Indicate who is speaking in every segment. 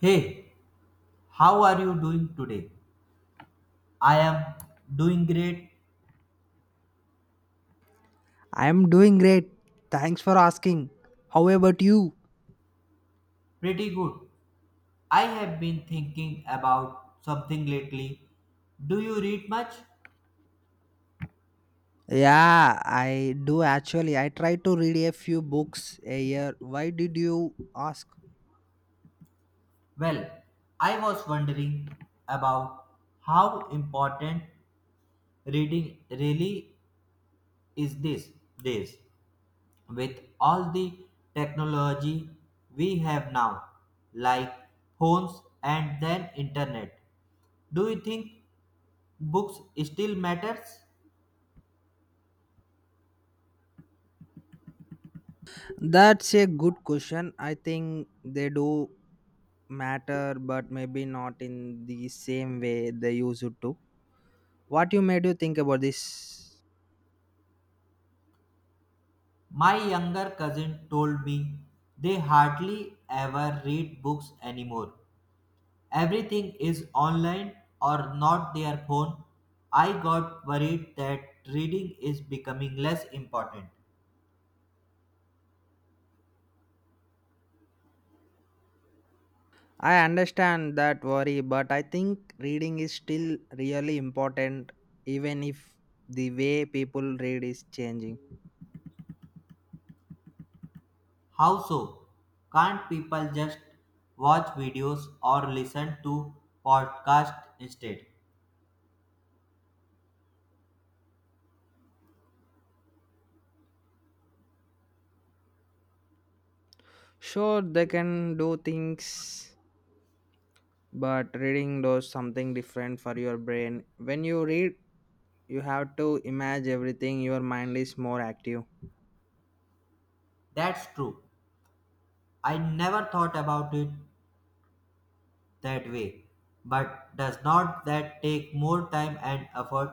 Speaker 1: Hey, how are you doing today? I am doing great,
Speaker 2: I am doing great. Thanks for asking. How about you?
Speaker 1: pretty good. I have been thinking about something lately. Do you read much?
Speaker 2: Yeah, I do actually. I try to read a few books a year. Why did you ask?
Speaker 1: Well, I was wondering about how important reading really is these days with all the technology we have now, like phones and then internet. Do you think books still matters?
Speaker 2: That's a good question. I think they do matter, but maybe not in the same way they used to. What you made you think about this?
Speaker 1: My younger cousin told me they hardly ever read books anymore. Everything is online or not their phone. I got worried that reading is becoming less important.
Speaker 2: I understand that worry, but I think reading is still really important, even if the way people read is changing.
Speaker 1: How so? Can't people just watch videos or listen to podcasts instead?
Speaker 2: Sure, they can do things, but reading does something different for your brain. When you read, you have to imagine everything, your mind is more active.
Speaker 1: That's true. I never thought about it that way. But does not that take more time and effort?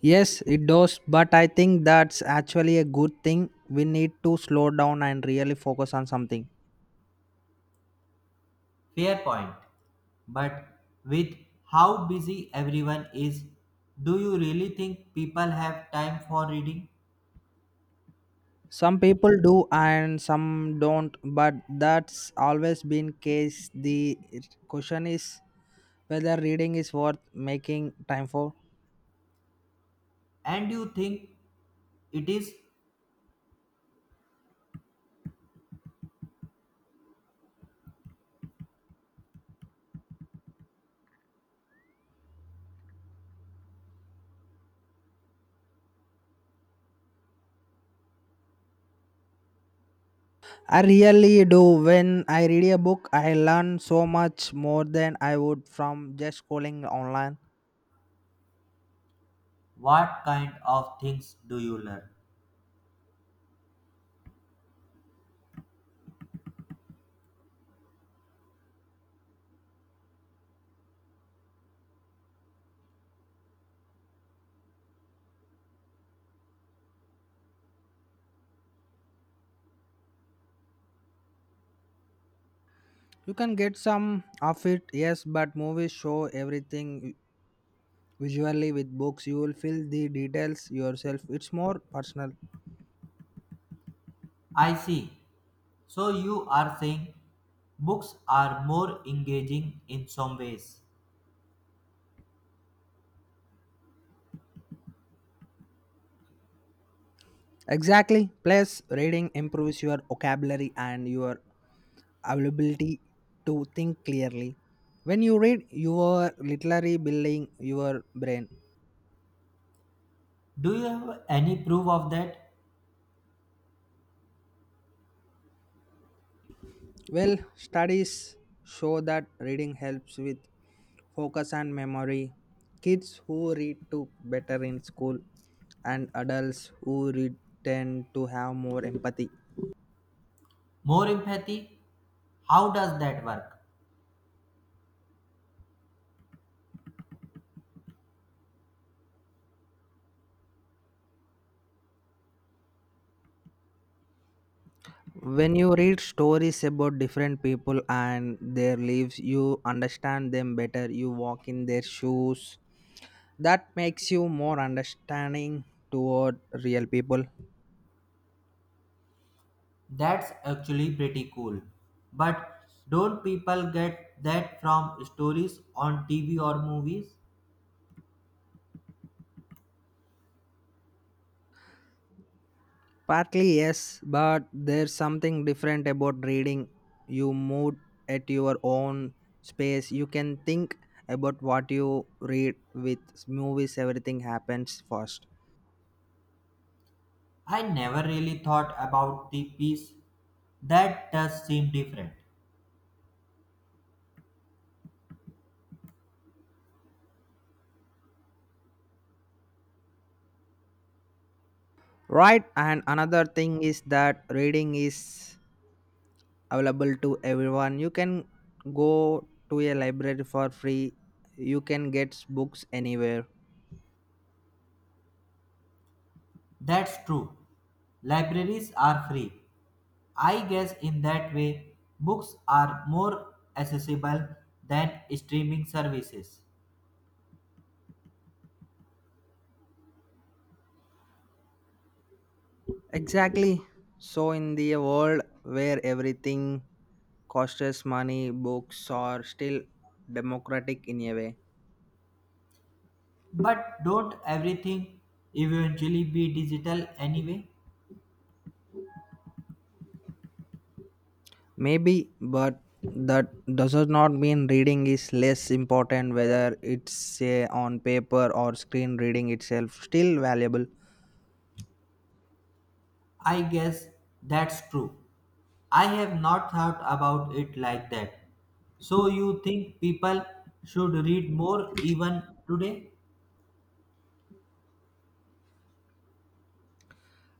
Speaker 2: Yes, it does, but I think that's actually a good thing. We need to slow down and really focus on something.
Speaker 1: Fair point. But with how busy everyone is, do you really think people have time for reading?
Speaker 2: Some people do and some don't, but that's always been case. The question is whether reading is worth making time for.
Speaker 1: And you think it is
Speaker 2: I really do. When I read a book, I learn so much more than I would from just scrolling online.
Speaker 1: what kind of things do you learn?
Speaker 2: You can get some of it, yes, but movies show everything visually. With books, you will feel the details yourself. It's more personal.
Speaker 1: I see. So you are saying books are more engaging in some ways.
Speaker 2: Exactly. Plus, reading improves your vocabulary and your availability to think clearly. When you read, you are literally building your brain.
Speaker 1: Do you have any proof of that?
Speaker 2: Well, studies show that reading helps with focus and memory. Kids who read do better in school, and adults who read tend to have more empathy.
Speaker 1: More empathy? How does that work?
Speaker 2: When you read stories about different people and their lives, you understand them better. You walk in their shoes. That makes you more understanding toward real people.
Speaker 1: That's actually pretty cool. But don't people get that from stories on TV or movies?
Speaker 2: Partly yes, but there's something different about reading. You move at your own space. You can think about what you read with movies, everything happens fast.
Speaker 1: I never really thought about the piece. That does seem different.
Speaker 2: Right, and another thing is that reading is available to everyone. You can go to a library for free, you can get books anywhere.
Speaker 1: That's true. Libraries are free. I guess in that way, books are more accessible than streaming services.
Speaker 2: Exactly. So, in the world where everything costs money, books are still democratic in a way.
Speaker 1: But don't everything eventually be digital anyway?
Speaker 2: Maybe, but that does not mean reading is less important whether it's say on paper or screen, reading itself still valuable.
Speaker 1: I guess that's true. I have not thought about it like that. So you think people should read more even today?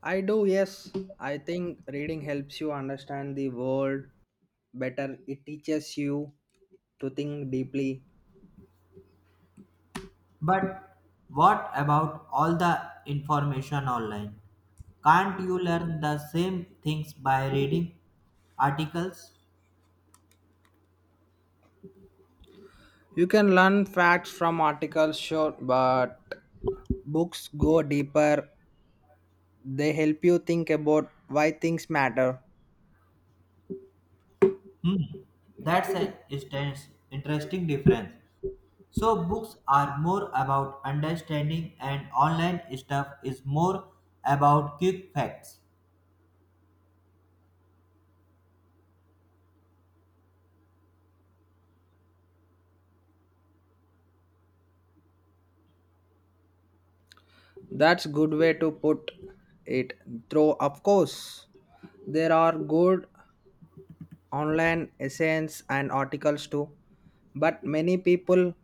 Speaker 2: I do, yes. I think reading helps you understand the world better. It teaches you to think deeply.
Speaker 1: But what about all the information online? Can't you learn the same things by reading articles?
Speaker 2: You can learn facts from articles, sure, but books go deeper. They help you think about why things matter.
Speaker 1: Hmm, that's an instance, interesting difference. So books are more about understanding and online stuff is more about quick facts.
Speaker 2: That's good way to put it. Though of course, there are good online essays and articles too, but many people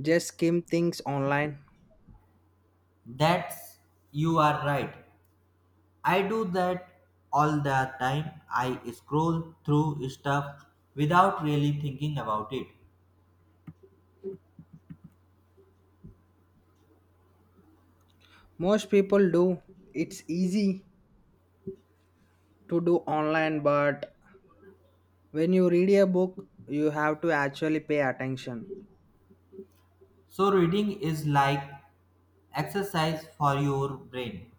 Speaker 2: just skim things online.
Speaker 1: That's you are right. I do that all the time. I scroll through stuff without really thinking about it.
Speaker 2: Most people do. It's easy to do online, but when you read a book, you have to actually pay attention.
Speaker 1: So reading is like exercise for your brain.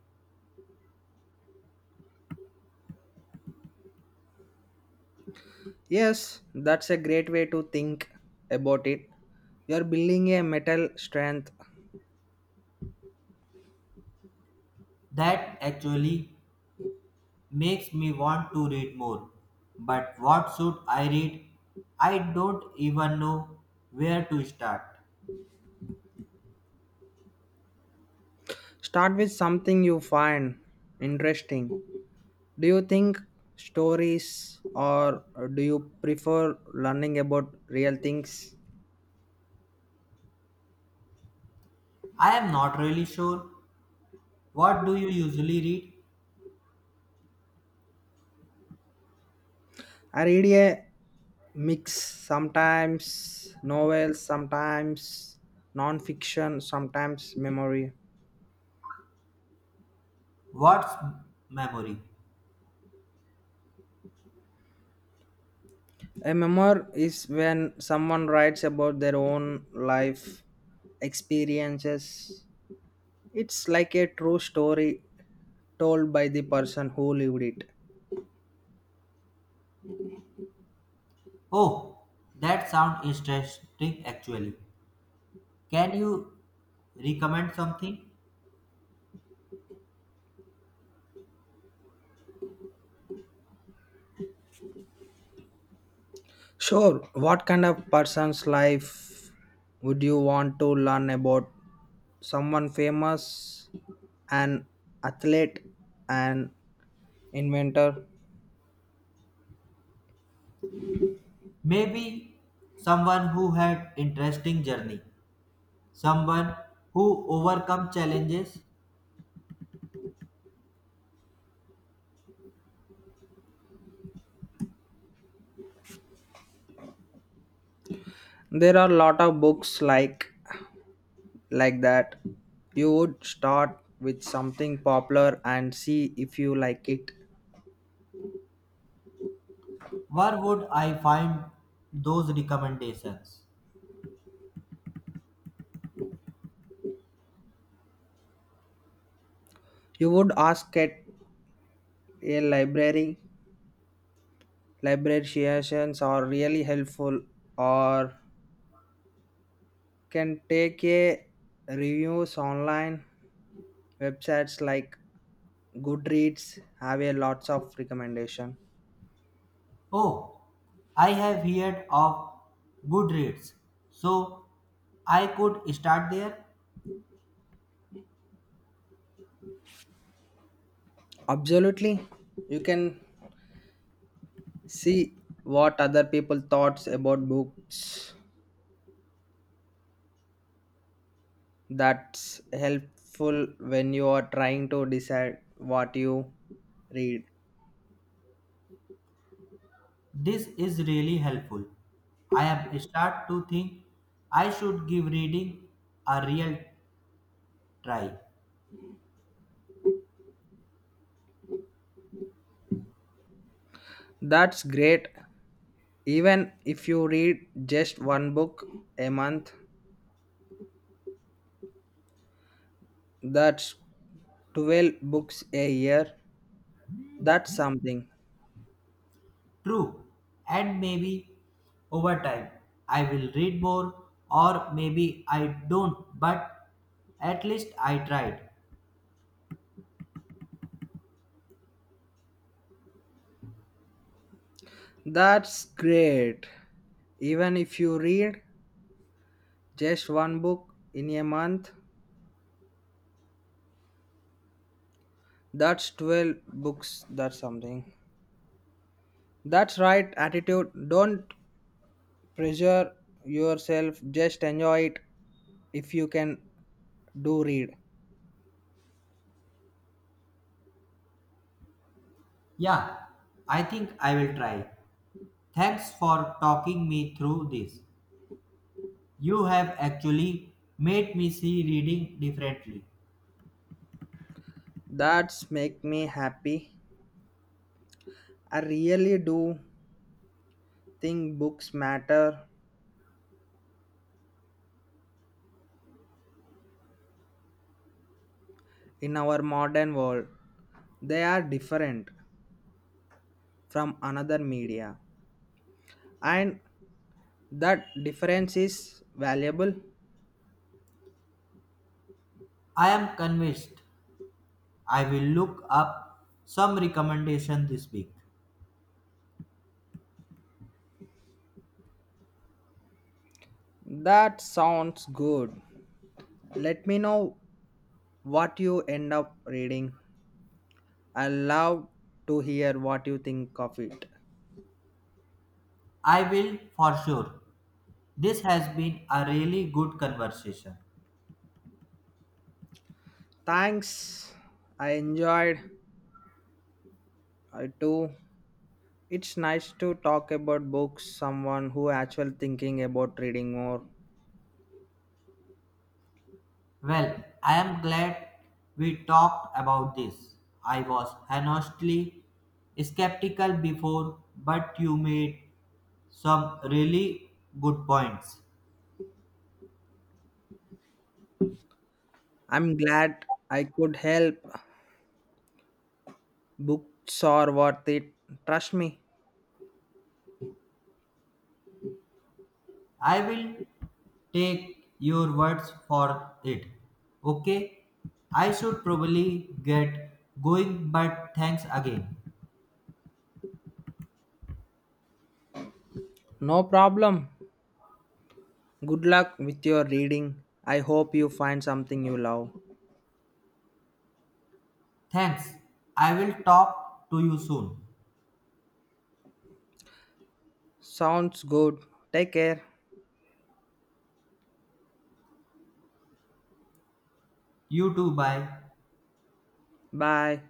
Speaker 2: Yes, that's a great way to think about it. You're building a mental strength.
Speaker 1: That actually makes me want to read more. But what should I read? I don't even know where to start.
Speaker 2: Start with something you find interesting. Do you think stories or do you prefer learning about real things?
Speaker 1: I am not really sure. What do you usually read?
Speaker 2: I read a mix, sometimes novels, sometimes non fiction, sometimes memoir.
Speaker 1: What's memory?
Speaker 2: A memoir is when someone writes about their own life experiences. It's like a true story told by the person who lived it.
Speaker 1: Oh, that sounds interesting actually. Can you recommend something?
Speaker 2: Sure, what kind of person's life would you want to learn about? Someone famous, an athlete, an inventor.
Speaker 1: Maybe someone who had interesting journey, someone who overcome challenges.
Speaker 2: There are a lot of books like that. You would start with something popular and see if you like it.
Speaker 1: Where would I find those recommendations?
Speaker 2: You would ask at a library. Librarians are really helpful, or can take a reviews online. Websites like Goodreads have a lots of recommendation.
Speaker 1: Oh, I have heard of Goodreads, so I could start there.
Speaker 2: Absolutely, you can see what other people thoughts about books. That's helpful when you are trying to decide what you read.
Speaker 1: This is really helpful. I am start to think I should give reading a real try.
Speaker 2: That's great. Even if you read just one book a month, that's 12 books a year. That's something.
Speaker 1: True. And maybe over time I will read more, or maybe I don't, but at least I tried.
Speaker 2: That's great. Even if you read just one book in a month? That's 12 books. That's something. That's right attitude. Don't pressure yourself. Just enjoy it if you can do read.
Speaker 1: Yeah, I think I will try. Thanks for talking me through this. You have actually made me see reading differently.
Speaker 2: That's make me happy. I really do think books matter in our modern world. They are different from another media, and that difference is valuable.
Speaker 1: I am convinced I will look up some recommendation this week.
Speaker 2: That sounds good. Let me know what you end up reading. I love to hear what you think of it.
Speaker 1: I will for sure. This has been a really good conversation.
Speaker 2: Thanks. I enjoyed it too. It's nice to talk about books someone who actually thinking about reading more.
Speaker 1: Well, I am glad we talked about this. I was honestly skeptical before, but you made some really good points.
Speaker 2: I'm glad I could help. Books are worth it. Trust me.
Speaker 1: I will take your words for it. Okay? I should probably get going, but thanks again.
Speaker 2: No problem. Good luck with your reading. I hope you find something you love.
Speaker 1: Thanks. I will talk to you soon.
Speaker 2: Sounds good. Take care.
Speaker 1: You too. Bye.
Speaker 2: Bye.